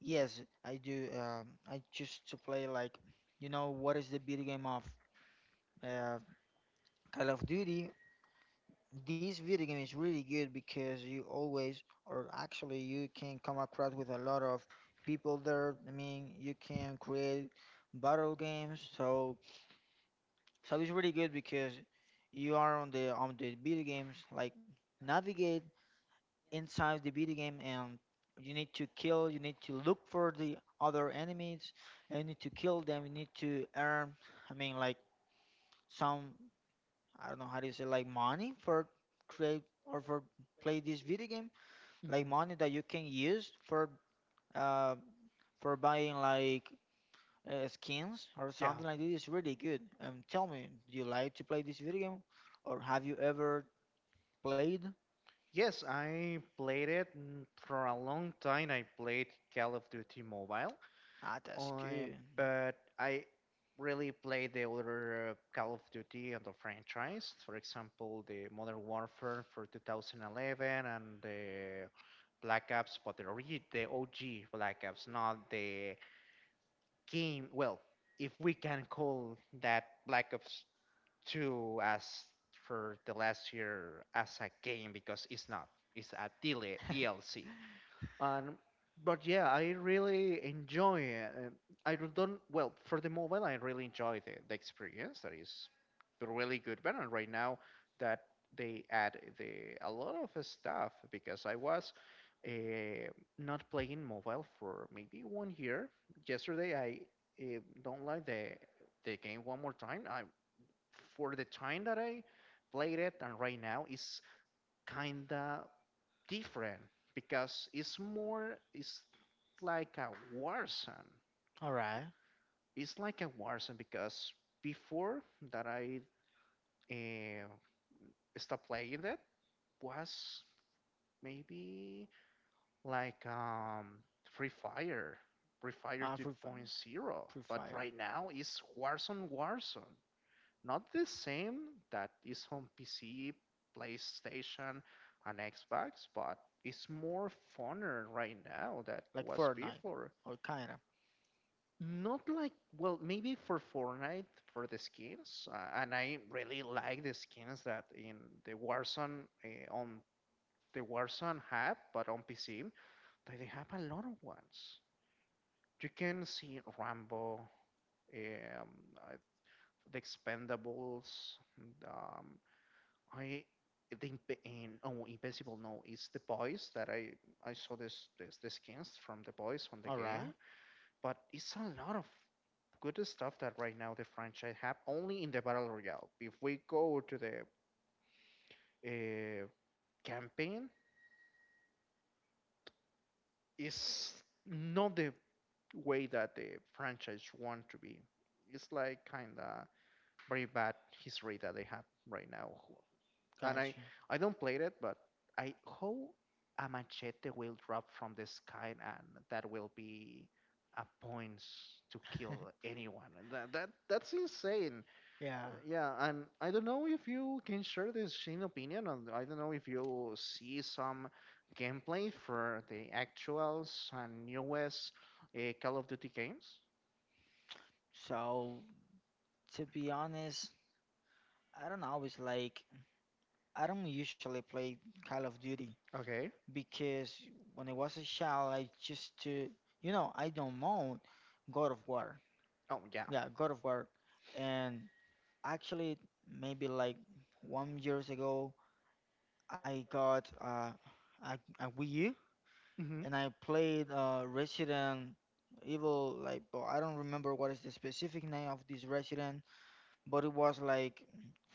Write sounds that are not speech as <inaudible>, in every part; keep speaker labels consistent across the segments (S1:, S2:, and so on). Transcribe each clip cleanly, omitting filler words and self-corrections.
S1: Yes, I do. I choose to play, what is the video game of uh, Call of Duty? This video game is really good because you always, or actually, you can come across with a lot of people there. I mean, you can create battle games. So it's really good because you are on the video games, like navigate inside the video game, and you need to kill, you need to look for the other enemies, and you need to kill them, you need to earn, i mean like some, I don't know how to say, like money for create or for play this video game, like money that you can use uh for buying, like skins or something like this. Is really good. Tell me, do you like to play this video game, or have you ever played? Ah, that's good. <laughs> All right. Uh, free, fi- Free fire, like Fortnite, or kinda. All right, got you. Yeah. So to be honest, I don't always like. I don't usually play Call of Duty because when I was a child, I just to, you know, I don't mind God of War. Yeah, God of War, and actually, maybe like 1 year ago, I got a Wii U, and I played Resident Evil. Like, but I don't remember what is the specific name of this Resident, but it was like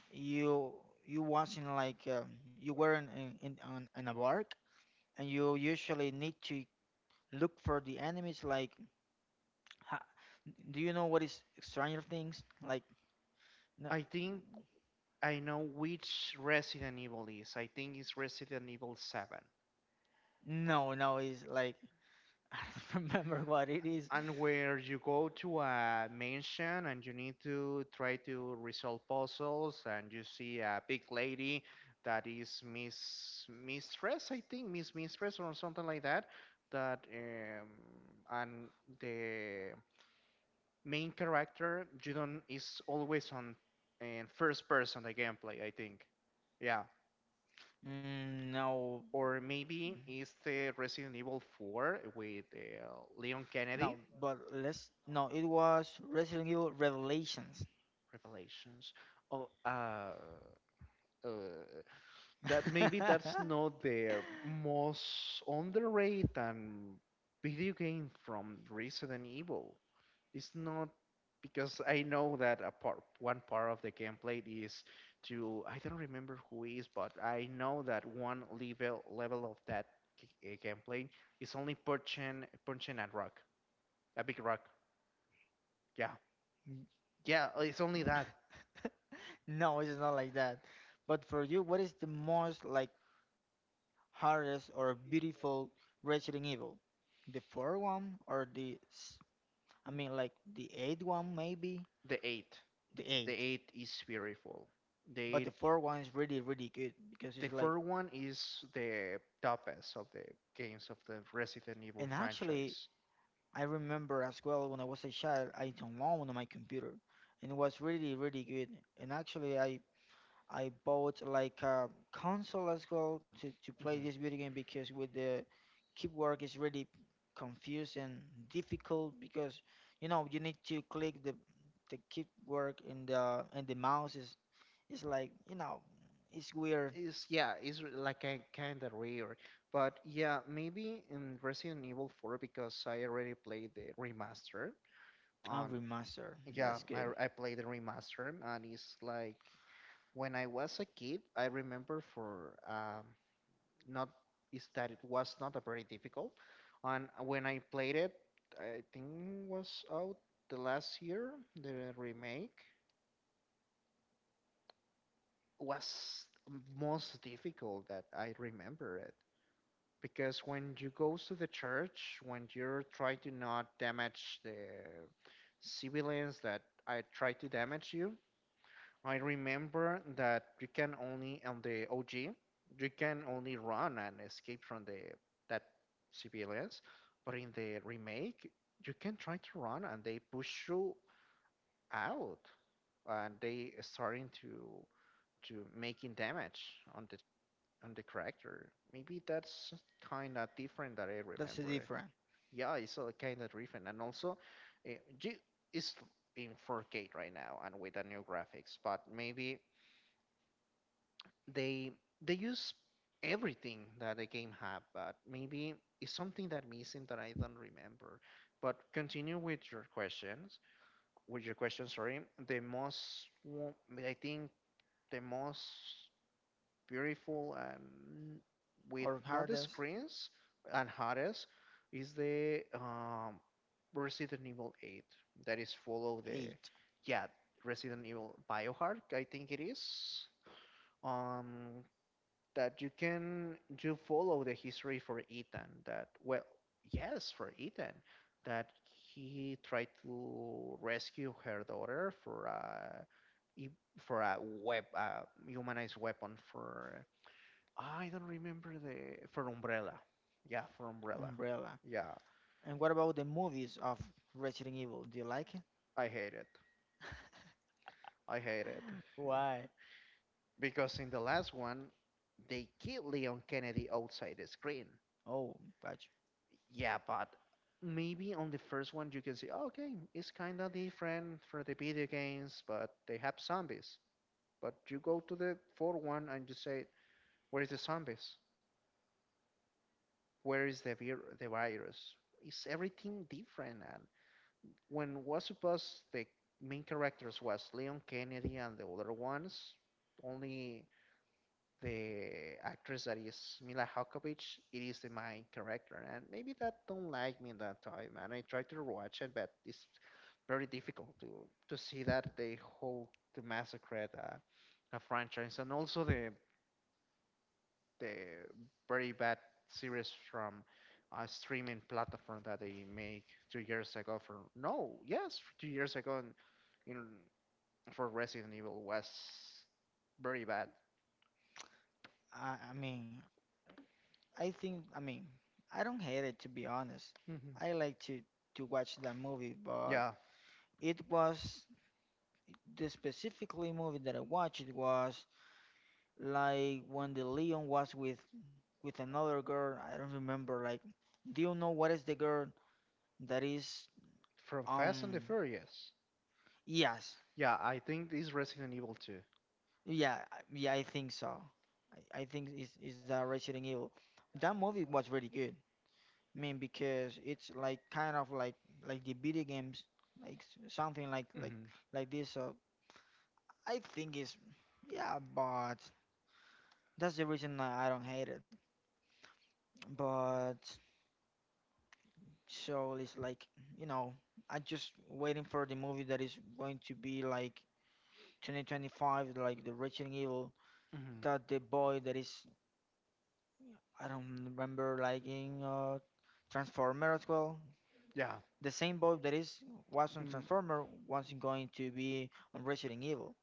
S1: you you was in like you were in a bark, and you usually need to look for the enemies. Like, ha, do you know what is Stranger Things? Like, no, no, it's like <laughs> I don't remember what it is. Mm, no, but let's no. It was Resident Evil Revelations. <laughs> No, it's not like that. But for you, what is the most, like, hardest or beautiful Resident Evil? The fourth one or the s- I mean, like the eighth one maybe? The eighth. But the fourth one is really really good because it's like, and actually I remember as well when I was a child, I downloaded one on my computer, and it was really, really good. And actually, I bought like a console as well to play this video game, because with the keyboard is really confused and difficult, because you know you need to click the keyboard, and the mouse is like, you know, it's weird. And remaster, that's good. That's the different or hardest. Eight, Umbrella. And what about the movies of Resident Evil? Do you like it? <laughs> Why? Oh, but I mean, I think, I mean, I don't hate it, to be honest. I like to watch that movie, but it was the specifically movie that I watched. It was like when the Leon was with another girl. I don't remember. Like, do you know what is the girl that is um? Yes. Yeah, yeah, I think so. I think it's the Resident Evil. That movie was really good. I mean, because it's like kind of like the video games, like something like like this. So I think it's, yeah, but that's the reason I don't hate it. But, so it's like, you know, I just waiting for the movie that is going to be like 2025, like the Resident Evil. That the boy that is, I don't remember liking, Transformer as well. The same boat that is was on Transformer wasn't going to be on Resident Evil.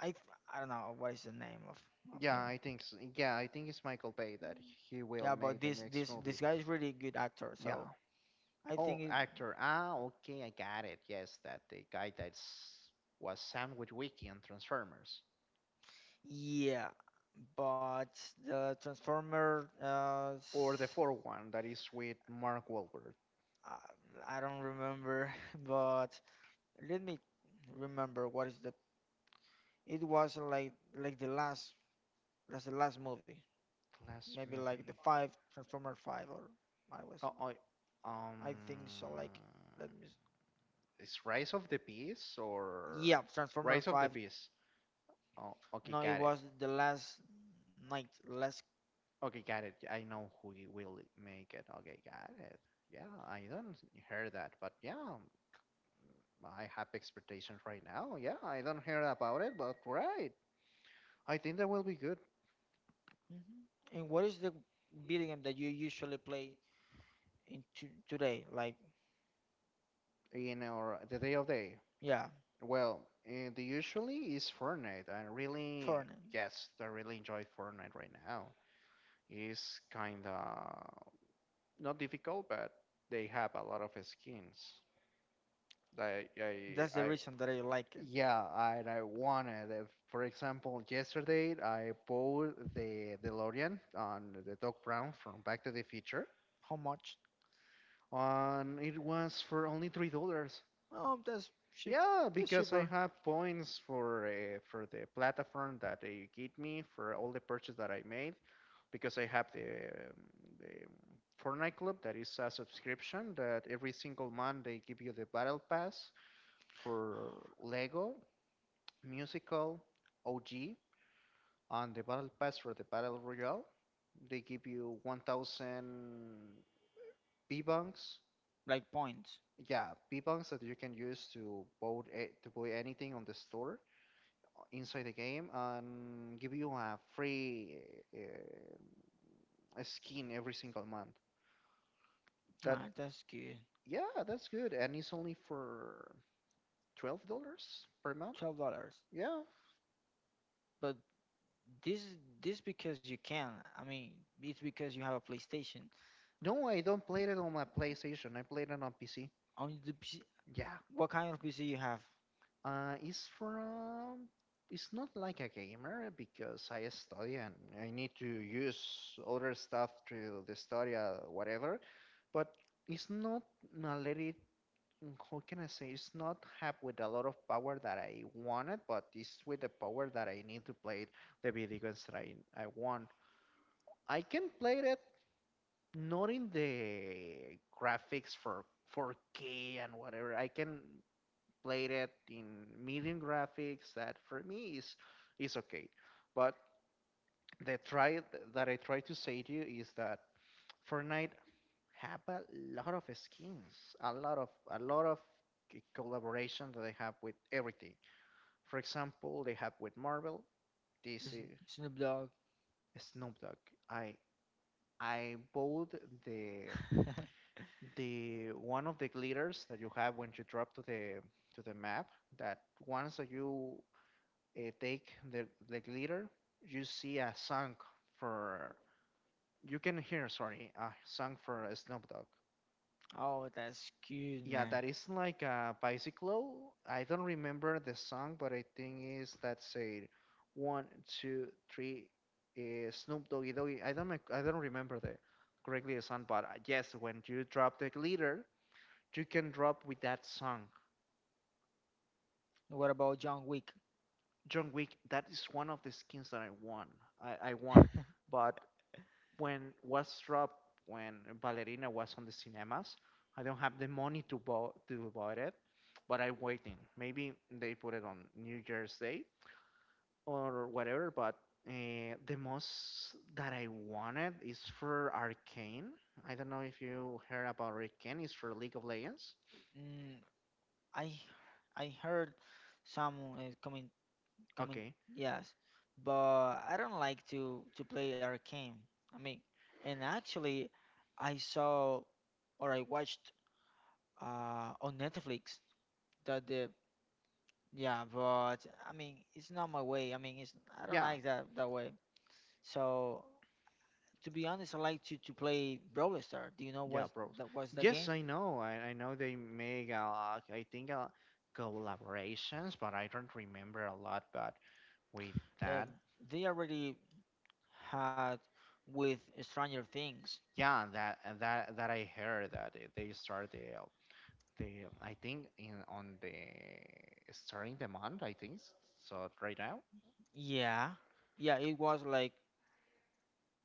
S1: I th- I don't know what is the name of him. Yeah, but this guy is really good actor. So I think it, yeah, but the Transformer, uh, I don't remember. <laughs> But let me remember what is the. It was like the last, that's the last movie. Maybe like the five Transformer five, or I was, I think so, like let me s- yeah, Transformer five. No, it was the last night last. Mhm. And what is the video game that you usually play in to, today? Like, yeah, Fortnite, that's the reason that I like it. How much? Oh, that's cheap. That's cheaper. Like points. Ah, that's good. $12. But This this because you can. I mean, it's because you have a PlayStation. On the PC, what kind of PC you have? Snoop Dogg. <laughs> Oh, that's cute, man. What about John Wick? <laughs> Mm, I I heard some uh, coming, yes, but I don't like to play arcane. I mean, and actually, I saw or I watched on Netflix that the, yeah, but I mean, it's not my way. I mean, it's, I don't like that that way. So to be honest, I like to play Brawl Stars. Do you know what that was the game? Uh, they already had with Stranger Things. Yeah, yeah, it was like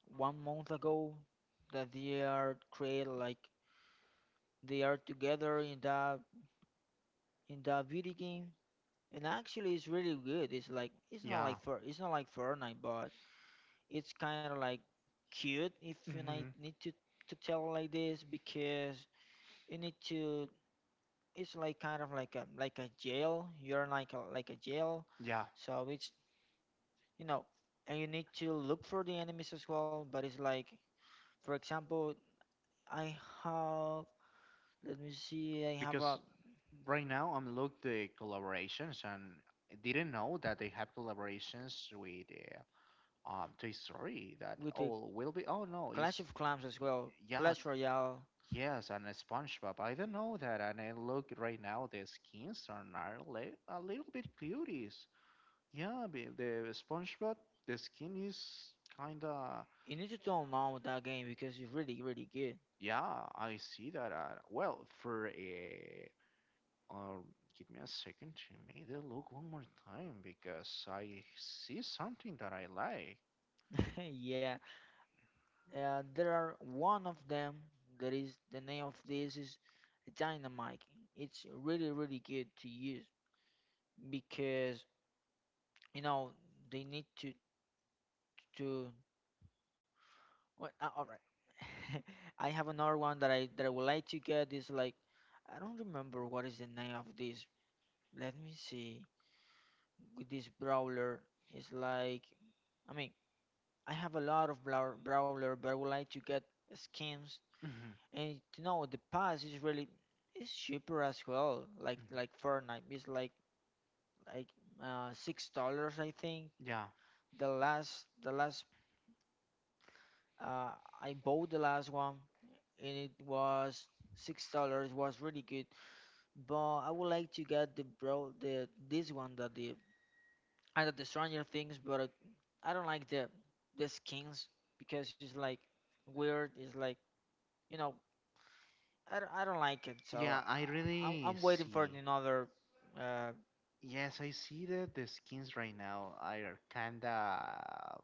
S1: 1 month ago that they are create like they are together in that video game, and actually it's really good. It's like it's not like for it's not like Fortnite, but it's kind of like cute, if you need to tell it like this, because you need to. It's like kind of like a jail. You're like a jail, so it's, you know, and you need to look for the enemies as well. But it's like, for example, I have. Let me see. I have a with the Clash of Clans as well. Clash Royale. You need to download that game because it's really, really good. <laughs> Yeah. There are one of them that is the name of this is Dynamite. It's really, really good to use because, you know, they need to to. What? All right. <laughs> I have another one that I would like to get is like, I don't remember what is the name of this. Let me see, with this brawler is like, I mean, I have a lot of brawler, but I would like to get skins.
S2: Hmm.
S1: And you know the pass is really it's cheaper as well.
S2: Hmm.
S1: Like Fortnite, it's like $6 I think.
S2: Yeah.
S1: The last uh, I bought the last one, and it was $6. Was really good, but I would like to get the this one that the, I love the Stranger Things, but I don't like the skins, because it's like weird. It's like, you know, I don't like it. So
S2: Yeah, I
S1: I'm
S2: really
S1: I'm waiting for
S2: see.
S1: another. Uh,
S2: Yes, I see that the skins right now are kinda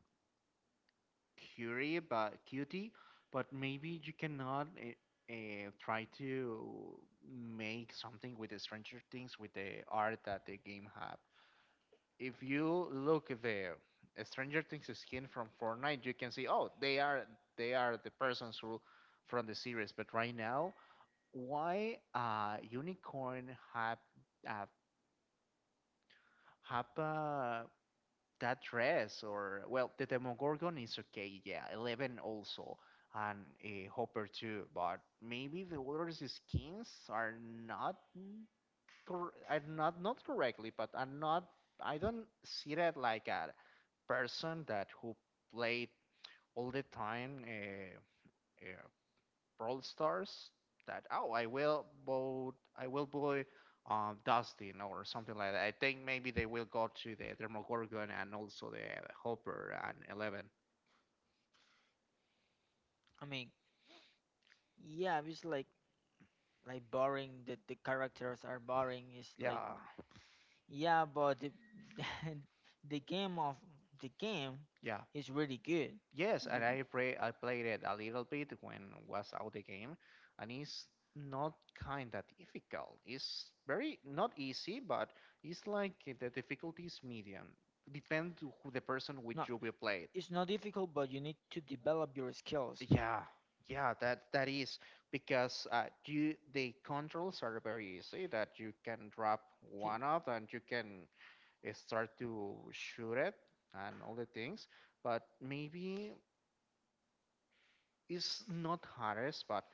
S2: cutie, but maybe you cannot try to make something with the Stranger Things with the art that the game have. If you look at the Stranger Things skin from Fortnite, you can see, oh, they are the persons who from the series. But right now, why Unicorn have uh, have uh, that dress or well, the Demogorgon is okay, yeah, Eleven also, and uh, Hopper too. But maybe the other skins are not cor- are not correctly, but are not. I don't see that like a person that who played all the time uh, Brawl Stars. That Oh, I will vote Dustin or something like that. I think maybe they will go to the Demogorgon and also the Hopper and Eleven.
S1: I mean, yeah, it's like boring. The characters are boring. It's like,
S2: Yeah,
S1: yeah, but the <laughs> the game of the game
S2: yeah.
S1: is really good.
S2: Yes,
S1: Be-
S2: and I played it a little bit when was out the game, and it's not kinda difficult. It's very not easy, but it's like the difficulty is medium. Depend to who the person with
S1: No,
S2: you will play it.
S1: it's not difficult, but you need to develop your skills.
S2: Yeah, yeah, that is because you the controls are very easy. That you can drop
S1: See?
S2: one off and you can start to shoot it and all the things. But maybe it's not hardest, but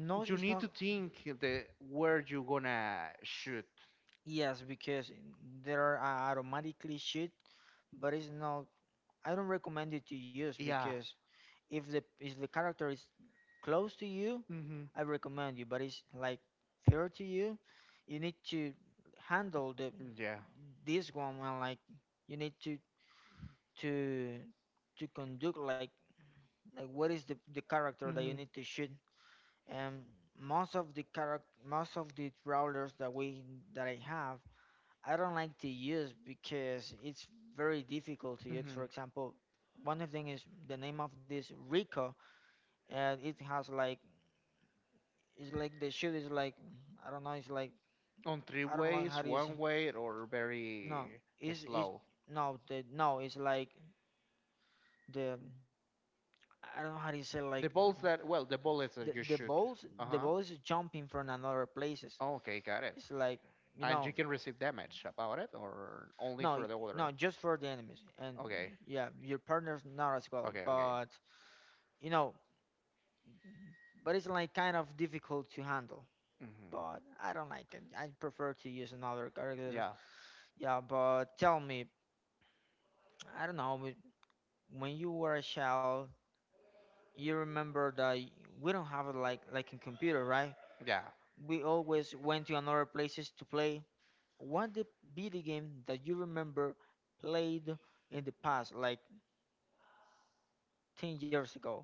S1: No,
S2: you
S1: it's
S2: need
S1: not.
S2: to think the where you gonna shoot.
S1: Yes, because there are automatically shit, but it's not. I don't recommend it to use
S2: Yeah.
S1: because if the character is close to you,
S2: Mhm.
S1: I recommend you. But it's like fair to you, you need to handle the
S2: Yeah.
S1: this one, and like you need to to to conduct like what is the character that you
S2: Mhm.
S1: need to shoot. And most of the brawlers that we that I have I don't like to use, because it's very difficult to use. For
S2: Mhm.
S1: example, one of them is the name of this Rico, and it has like it's like the shoe is like, I don't know. It's like
S2: On three
S1: I don't know how
S2: ways,
S1: do you say,
S2: one way, or
S1: no.
S2: very
S1: It's
S2: slow.
S1: no, the no. It's like the, I don't know how do you say like
S2: The balls that well, the bullets
S1: the
S2: that you
S1: the
S2: shoot.
S1: balls
S2: Uh
S1: the
S2: huh.
S1: balls is jumping from another places.
S2: Okay, got it.
S1: It's like, you
S2: And
S1: know,
S2: you can receive damage about it, or only
S1: no,
S2: for the order.
S1: no, just for the enemies, and
S2: Okay.
S1: yeah your partner's not as well,
S2: Okay. Okay.
S1: but you know, but it's like kind of difficult to handle.
S2: Mhm.
S1: But I don't like it. I prefer to use another character.
S2: Yeah.
S1: Yeah, but tell me, I don't know, when you were a child, you remember that we don't have it like in computer, right?
S2: Yeah.
S1: We always went to another places to play. What the video game that you remember played in the past, like 10 years ago?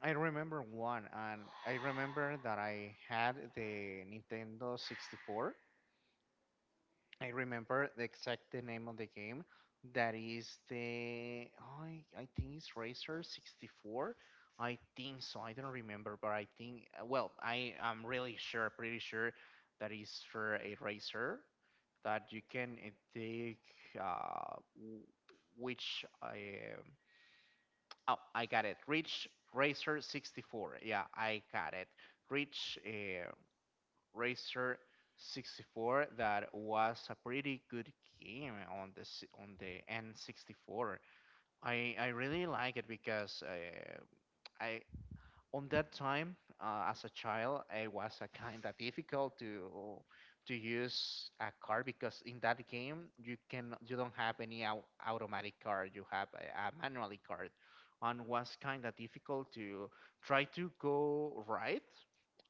S2: I remember one, and I remember that I had the Nintendo 64. I remember the name of the game. That is the oh, I think it's Racer 64. I think so. I don't remember, but I think well, I am really sure, pretty sure that is for a racer that you can take uh, w- which I oh, I got it. Reach Racer 64. Yeah, I got it. Reach. Racer 64, that was a pretty good game on the N64. I really like it because I on that time, as a child, it was a kind of difficult to use a car, because in that game you don't have any automatic car, you have a manual car, and was kind of difficult to try to go right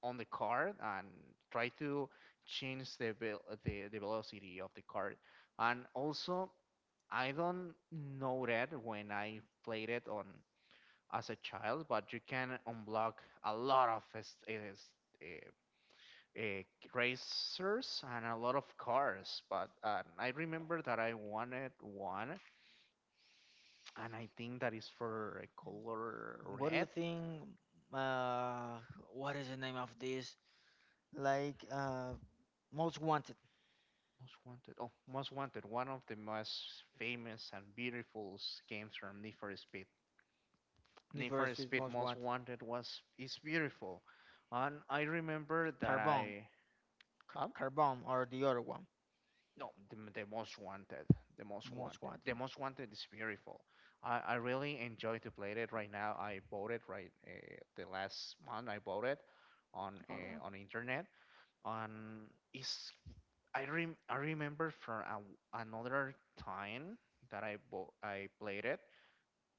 S2: on the car and try to change the velocity of the car. And also I don't know that when I played it on as a child, but you can unblock a lot of eh, eh, racers and a lot of cars. But I remember that I wanted one, and I think that is for a color
S1: What do you
S2: red.
S1: think? Uh, what is the name of this? Like, most wanted.
S2: Most Wanted. Oh, Most Wanted. One of the most famous and beautiful games from Need for Speed.
S1: The
S2: Need for
S1: first is
S2: Speed
S1: most
S2: Most
S1: wanted.
S2: Wanted was is beautiful, and I remember that
S1: Carbon.
S2: I. Huh?
S1: Carbon or the other one.
S2: No,
S1: Most
S2: the
S1: wanted.
S2: most wanted is beautiful. I really enjoy to play it right now. I bought it the last month. I bought it
S1: Alright.
S2: on internet. On is I rem I remember from another time that I played it,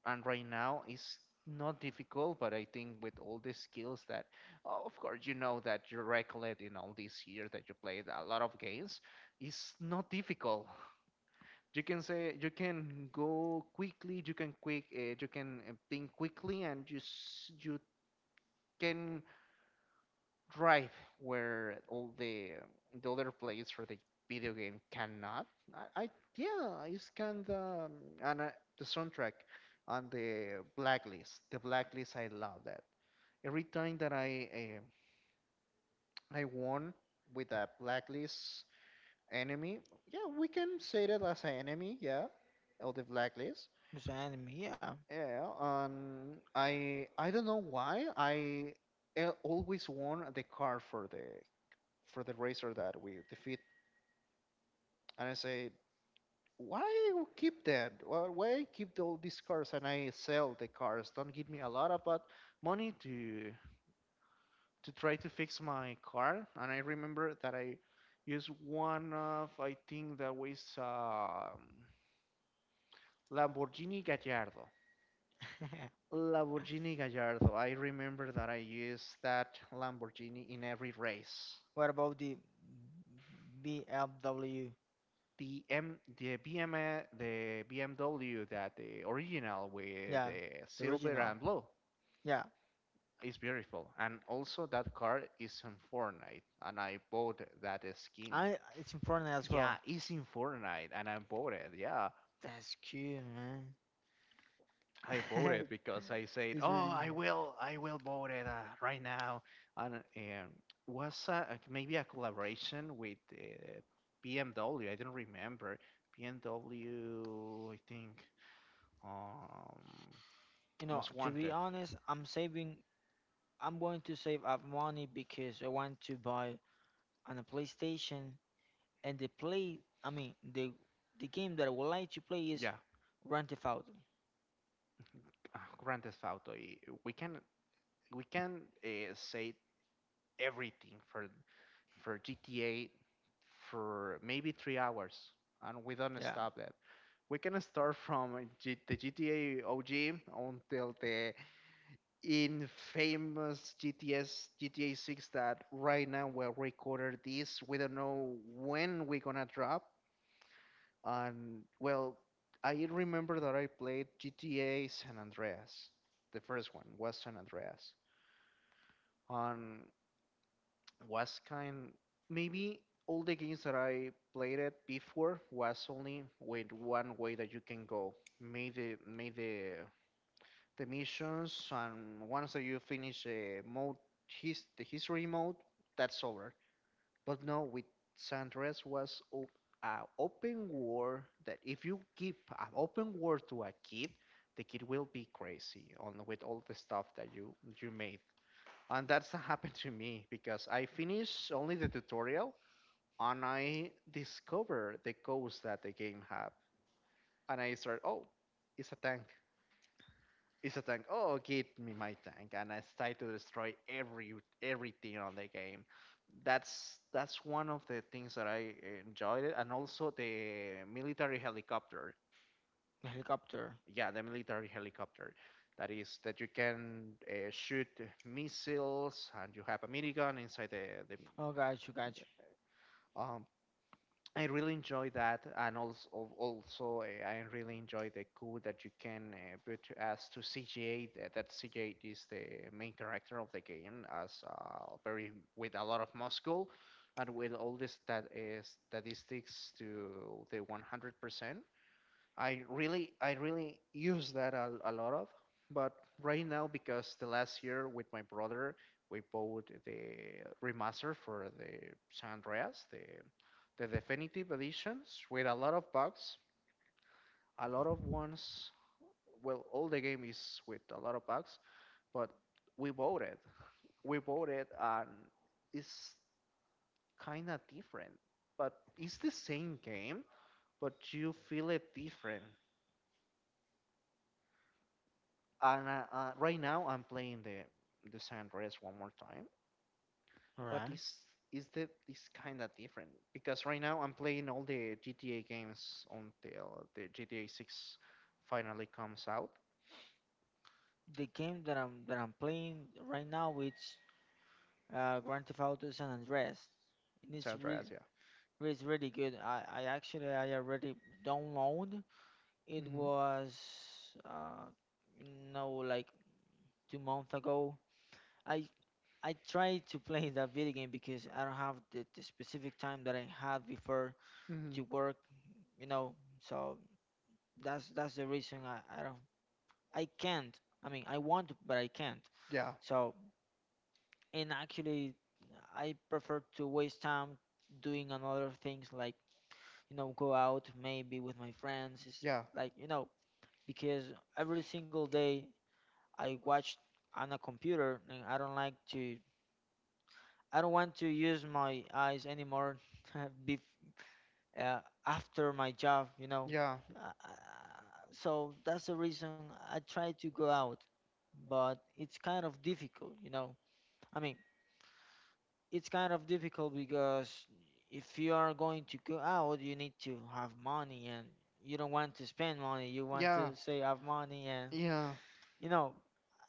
S2: and right now it's not difficult. But I think with all the skills that, oh, of course, you know that you recollect in all these years that you played a lot of games, it's not difficult. You can say, you can go quickly, you can quick you can think quickly, and you can drive where all the other players for the video game cannot. I, yeah, it's kind of. And the soundtrack on the blacklist, I love that. Every time that I won with a blacklist enemy, yeah, we can say that as an enemy, yeah, of the blacklist.
S1: Mr. Enemy, yeah.
S2: Yeah, I don't know why I always won the car for the racer that we defeat, and I say, why you keep that? Why keep all these cars? And I sell the cars. Don't give me a lot of but money to try to fix my car. And I remember that I used one of I think that was Lamborghini Gallardo. Lamborghini Gallardo. I remember that I used that Lamborghini in every race.
S1: <laughs> What about the BLW?
S2: The BMW that the original with
S1: Yeah,
S2: the
S1: the
S2: silver
S1: original.
S2: and blue
S1: Yeah.
S2: is beautiful, and also that car is in Fortnite, and I bought that skin.
S1: I it's important as
S2: Yeah,
S1: well.
S2: it's in Fortnite, and I bought it. Yeah,
S1: That's cute,
S2: I bought it
S1: man.
S2: because I
S1: <laughs>
S2: said,
S1: It's
S2: "Oh,
S1: really good.
S2: I will bought it right now." And was maybe a collaboration with BMW. I don't remember BMW. I think um,
S1: You know,
S2: Most
S1: to be
S2: Wanted.
S1: honest, I'm going to save up money because I want to buy on a PlayStation, and the play, I mean, the game that I would like to play is
S2: Yeah,
S1: Grand Theft Auto.
S2: Grand Theft Auto. We can say everything for GTA for maybe 3 hours, and we don't
S1: Yeah,
S2: stop that. We can start from the GTA OG until the infamous GTS GTA 6 that right now we are recording this. We don't know when we're gonna drop. And well, I remember that I played GTA San Andreas. The first one was San Andreas. And was kind maybe all the games that I played it before was only with one way that you can go. Made the missions, and once that you finish a mode his the history mode, that's over. But no, with San Andreas was a open war, that if you give an open war to a kid, the kid will be crazy on with all the stuff that you made. And that's happened to me because I finished only the tutorial and I discovered the codes that the game have. And I started, oh, it's a tank. It's a tank. Oh, give me my tank. And I started to destroy everything on the game. That's one of the things that I enjoyed it. And also the military helicopter.
S1: the helicopter.
S2: Yeah, the military helicopter. That is that you can shoot missiles, and you have a minigun inside the
S1: Oh, got you, got you.
S2: um, I really enjoy that. And also I really enjoy the cool that you can put as to CGA. That CGA is the main character of the game, as very with a lot of muscle, and with all statistics to the 100%. I really use that a lot of, but right now because the last year with my brother we bought the remaster for the San Andreas, the definitive editions with a lot of bugs, a lot of ones. Well, all the game is with a lot of bugs, but we bought it. And it's kind of different. But it's the same game, but you feel it different. And right now I'm playing the San Andreas one more time,
S1: All
S2: but
S1: right.
S2: it's is the it's kind of different, because right now I'm playing all the GTA games until the GTA 6 finally comes out.
S1: The game that I'm playing right now is Grand Theft Auto San Andreas, and
S2: San Andreas, yeah.
S1: it's really good. I already download. It
S2: Hmm.
S1: was uh no like 2 months ago. I I tried to play that video game because I don't have the specific time that I had before
S2: Hmm.
S1: to work, you know, so that's the reason I can't. I mean, I want to, but I can't,
S2: Yeah,
S1: so. And actually I prefer to waste time doing another things like, you know, go out maybe with my friends it's
S2: yeah,
S1: like you know because every single day I watch on a computer and I don't want to use my eyes anymore <laughs> bef uh, after my job, you know.
S2: yeah,
S1: Uh, so that's the reason I try to go out, but it's kind of difficult, you know. I mean, it's kind of difficult because if you are going to go out, you need to have money, and you don't want to spend money. You want
S2: yeah,
S1: to say have money, and,
S2: yeah,
S1: you know,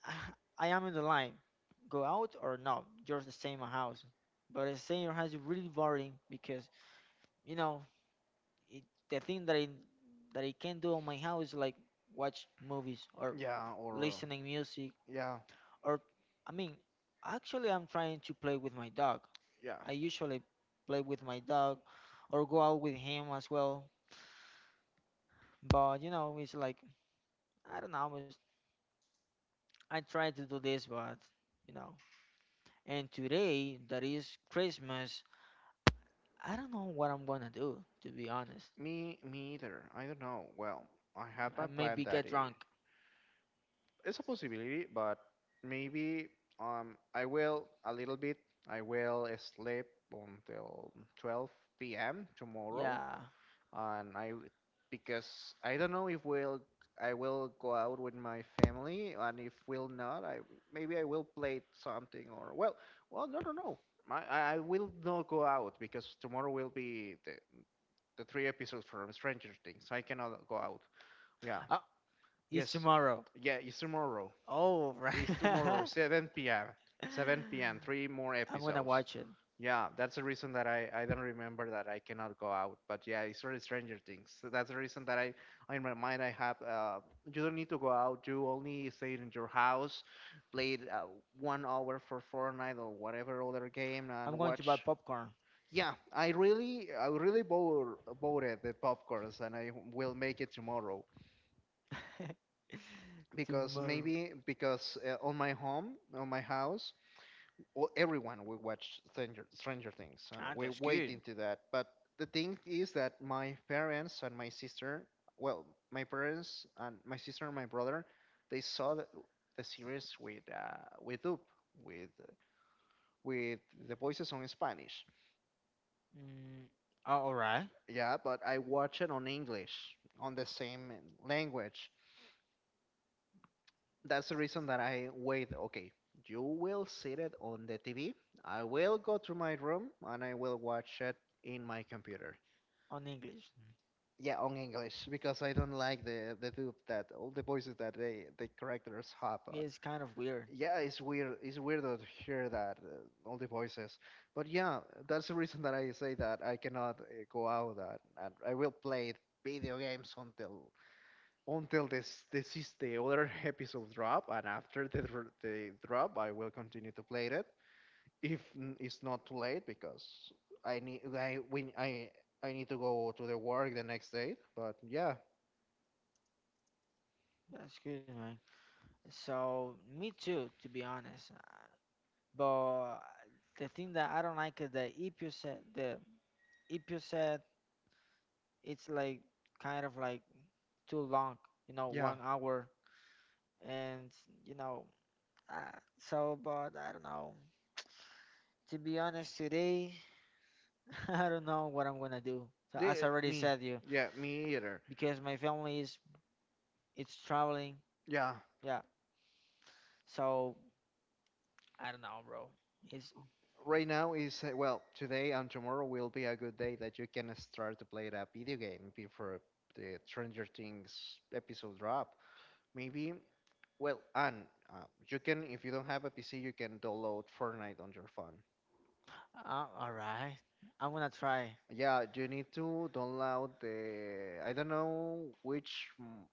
S1: <sighs> I am in the line, go out or not. You're staying in my house, but staying in your house is really boring because, you know it, the thing that I can do on my house is like watch movies or
S2: yeah, or
S1: listening music.
S2: yeah.
S1: Or I mean, actually I'm trying to play with my dog.
S2: Yeah,
S1: I usually play with my dog or go out with him as well. But, you know, it's like, I don't know, it's, I try to do this but, you know. And today that is Christmas, I don't know what I'm gonna do, to be honest.
S2: me either. I don't know. Well, I have
S1: I
S2: my plan
S1: maybe
S2: that
S1: get drunk.
S2: it's a possibility, but maybe I will a little bit. I will sleep until 12 p.m. tomorrow,
S1: Yeah.
S2: and because I don't know if we'll I will go out with my family, and if we'll not, I maybe I will play something or well, no, no, no. I will not go out because tomorrow will be the three episodes from Stranger Things. I cannot go out. Yeah.
S1: Oh, it's
S2: Yes.
S1: tomorrow.
S2: Yeah, it's tomorrow.
S1: Oh,
S2: It's
S1: <laughs> right.
S2: tomorrow, 7 p.m. 7 p.m. Three more
S1: I'm gonna
S2: episodes.
S1: watch it.
S2: Yeah, that's the reason that I don't remember that I cannot go out. But yeah, it's really Stranger Things. So that's the reason that I in my mind I have. You don't need to go out. You only stay in your house, play 1 hour for Fortnite or whatever other game, and
S1: I'm going to
S2: watch.
S1: buy popcorn
S2: Yeah, I really bought voted the popcorns, and I will make it tomorrow,
S1: <laughs>
S2: because
S1: tomorrow.
S2: maybe because on my house, well, everyone will watch Stranger Things, and
S1: Ah,
S2: we
S1: that's
S2: wait
S1: good.
S2: into that. But the thing is that my parents and my sister, well, and my brother, they saw the series with Up, with with the voices on Spanish.
S1: Mm, oh, all right.
S2: Yeah, but I watch it on English, on the same language. That's the reason that I wait. Okay, you will see it on the TV. I will go to my room and I will watch it in my computer.
S1: On English.
S2: Yeah, on English because I don't like the dub that all the voices that they the characters have
S1: Mm.
S2: on.
S1: It's kind of weird.
S2: Yeah, it's weird. It's weird to hear that all the voices. But yeah, that's the reason that I say that I cannot go out and I will play video games until until this is the other <laughs> episode drop, and after the drop I will continue to play it if it's not too late because I need I when I need to go to the work the next day. But yeah.
S1: That's good, man. So, me too, to be honest. But the thing that I don't like is the EPU set. The EPU set, it's like kind of like too long, you know,
S2: Yeah,
S1: 1 hour. And, you know, Uh, but I don't know. To be honest, today <laughs> I don't know what I'm gonna do. So as
S2: the,
S1: I already
S2: me.
S1: said you,
S2: Yeah, me either.
S1: because my family is, it's traveling.
S2: Yeah,
S1: Yeah. So I don't know, bro. It's
S2: right now is well, today and tomorrow will be a good day that you can start to play that video game before the Stranger Things episode drop. Maybe well, and you can, if you don't have a PC, you can download Fortnite on your phone.
S1: all right. I'm gonna try.
S2: Yeah, you need to download the I don't know which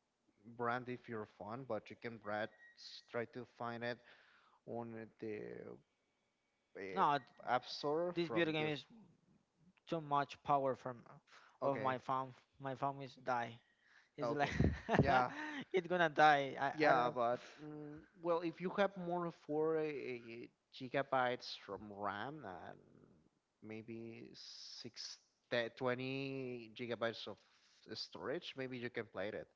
S2: brand if your phone, but you can brand, try to find it on the uh,
S1: No,
S2: App Store
S1: this
S2: from
S1: video game
S2: the.
S1: is too much power from of
S2: Okay,
S1: my phone. My phone is die. It's like
S2: okay, yeah,
S1: <laughs> it's gonna die. I don't.
S2: yeah, but well, if you have more of four gigabytes from RAM and maybe 20 gigabytes of storage, maybe you can play it.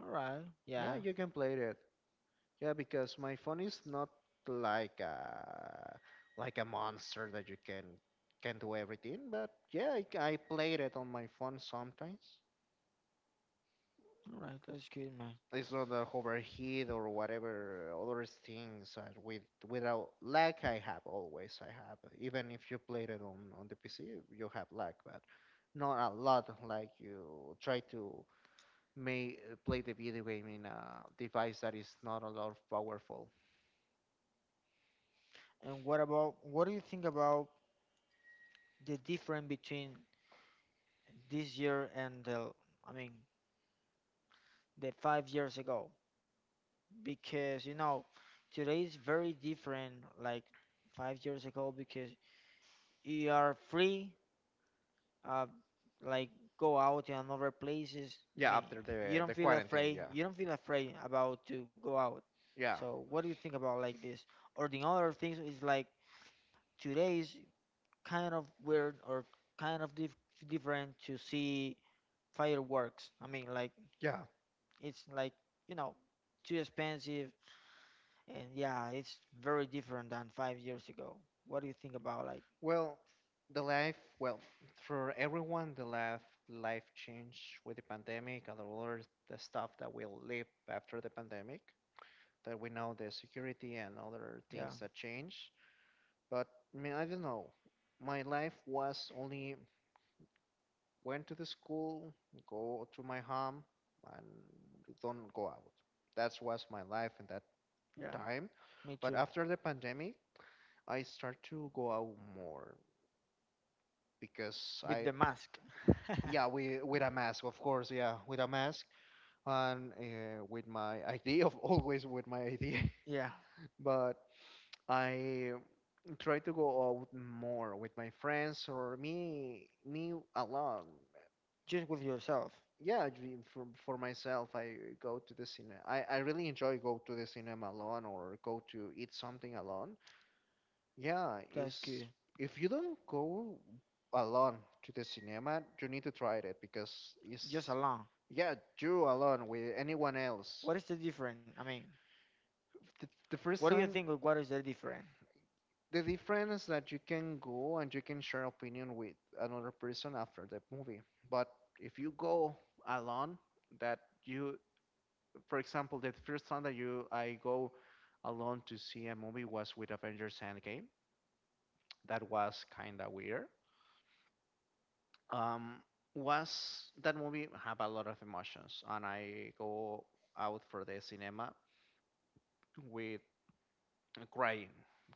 S1: All right.
S2: Yeah,
S1: Yeah.
S2: you can play it. Yeah, because my phone is not like a like a monster that you can do everything, but yeah, I played it on my phone sometimes.
S1: All right. That's good, man.
S2: It's not a overheat or whatever other things that with without lag I have, even if you played it on the PC you have lag, but not a lot. Like you try to may play the video game in a device that is not a lot powerful.
S1: And what about, what do you think about the difference between this year and the, I mean, the 5 years ago, because, you know, today is very different like 5 years ago, because you are free, uh like go out in other places. I
S2: Yeah,
S1: mean,
S2: after
S1: you
S2: the
S1: don't
S2: the
S1: feel
S2: quarantine, yeah.
S1: afraid about to go out.
S2: Yeah,
S1: So what do you think about like this, or the other things is like today is kind of weird, or kind of dif- different to see fireworks, I mean, like,
S2: yeah.
S1: it's like, you know, too expensive. And yeah, it's very different than 5 years ago. What do you think about like?
S2: Well, the life, well, for everyone, the life changed with the pandemic and all other the stuff that will live after the pandemic. That we know the security and other
S1: Yeah,
S2: things that change. But I mean, I don't know. My life was only went to the school, go to my home, and don't go out. That was my life in that
S1: yeah,
S2: time.
S1: me too.
S2: But after the pandemic, I start to go out more because
S1: With
S2: I
S1: the mask. <laughs>
S2: Yeah, with a mask, of course. Yeah, with a mask and with my <laughs> ID, of always with my ID.
S1: Yeah,
S2: <laughs> But I try to go out more with my friends or me alone.
S1: just with yourself.
S2: Yeah, for myself, I go to the cinema. I really enjoy go to the cinema alone or go to eat something alone. Yeah,
S1: That's
S2: is
S1: good.
S2: if you don't go alone to the cinema, you need to try it because
S1: Just
S2: it's
S1: alone.
S2: yeah, you alone with anyone else.
S1: What is the difference? I mean,
S2: The
S1: what
S2: first
S1: do you
S2: time,
S1: think of, what is the difference?
S2: the difference that you can go and you can share opinion with another person after the movie. But if you go alone, that you, for example, the first time that you I go alone to see a movie was with Avengers Endgame. That was kind of weird um, was that movie have a lot of emotions, and I go out for the cinema with crying,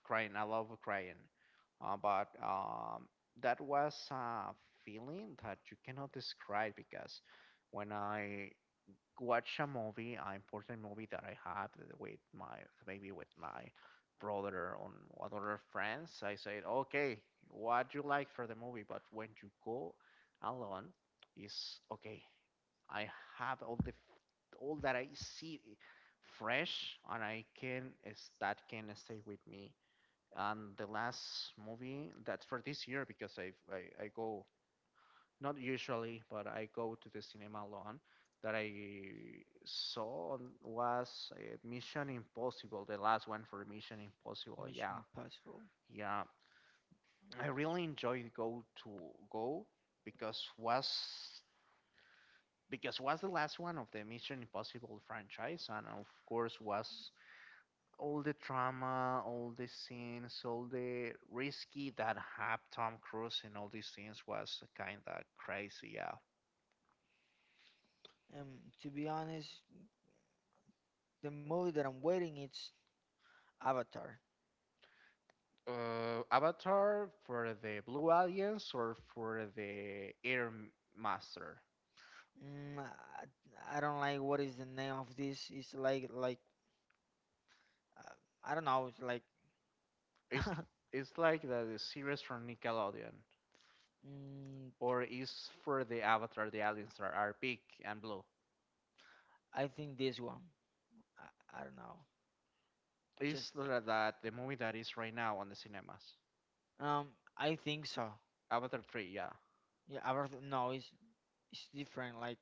S2: crying. I love crying, but that was a feeling that you cannot describe because when I watch a movie, an important movie that I have with my maybe with my brother or other friends. I said, okay, what you like for the movie, but when you go alone, is okay. I have all the all that I see fresh, and I can is that can stay with me. And the last movie that's for this year, because I go not usually, but I go to the cinema alone. That I saw was Mission Impossible, the last one for Mission Impossible.
S1: Mission
S2: Yeah,
S1: Impossible.
S2: yeah, I really enjoyed go to go because was, because was the last one of the Mission Impossible franchise, and of course was all the drama, all the scenes, all the risky that had Tom Cruise in all these scenes. Was kind of crazy. Yeah,
S1: To be honest, the movie that I'm waiting it's Avatar.
S2: Avatar for the Blue Alliance or for the Air Master?
S1: Mm, I don't like what is the name of this. It's like uh, I don't know. It's like
S2: It's
S1: <laughs>
S2: like the series from Nickelodeon,
S1: mm,
S2: or is for the Avatar the aliens that are big and blue?
S1: I think this one. I don't know.
S2: Is
S1: Just
S2: that the movie that is right now on the cinemas?
S1: um, I think so.
S2: Avatar three, yeah.
S1: Yeah, Avatar. No, it's different. Like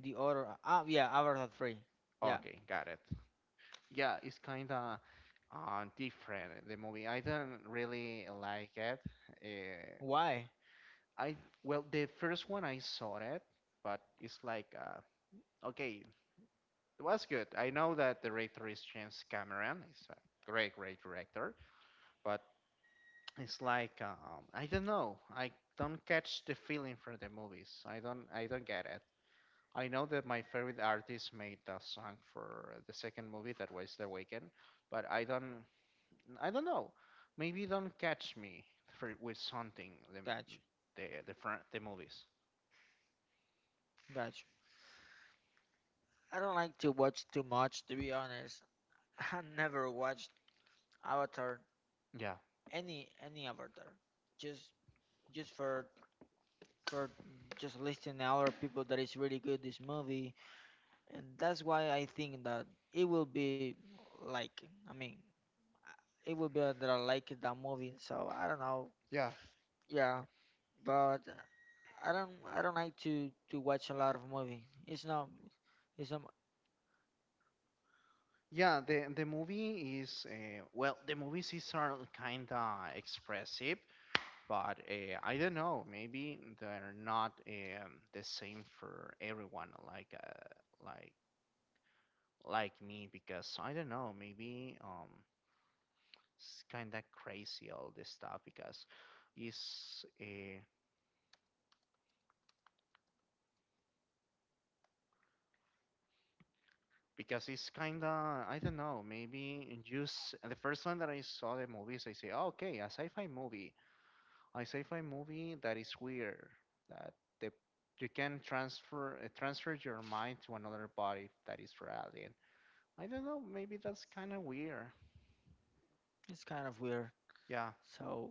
S1: the other. Ah, yeah, Avatar three. Yeah.
S2: Okay, got it. Yeah, it's kinda different the movie. I don't really like it. Uh,
S1: Why?
S2: I well the first one I saw it, but it's like okay, it was good. I know that the director is James Cameron. He's a great, great director, but it's like I don't know. I don't catch the feeling for the movies. I don't. I don't get it. I know that my favorite artist made a song for the second movie that was The Weeknd, but I don't. I don't know. Maybe don't catch me for, with something the
S1: Gotcha.
S2: the the, front, the movies.
S1: Gotcha. I don't like to watch too much, to be honest. <laughs> I never watched Avatar,
S2: Yeah.
S1: any Avatar, just just for just listening to other people that is really good this movie, and that's why I think that it will be like, I mean, it will be that I like that movie. So I don't know, yeah, but I don't like to watch a lot of movie. It's not
S2: Yeah, the movie is well, the movies is are kind of expressive, but I don't know, maybe they're not the same for everyone like like like me because I don't know, maybe it's kind of crazy all this stuff it's uh, because it's kind of I don't know, maybe just the first one that I saw the movies I say, oh, okay, a sci-fi movie that is weird that the you can transfer transfer your mind to another body that is for alien. I don't know, maybe that's kind of weird.
S1: it's kind of weird.
S2: Yeah,
S1: So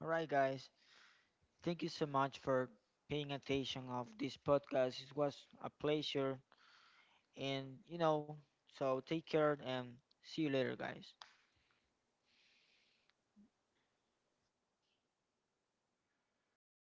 S1: all right, guys, thank you so much for paying attention of this podcast. It was a pleasure, and, you know, so take care and see you later, guys.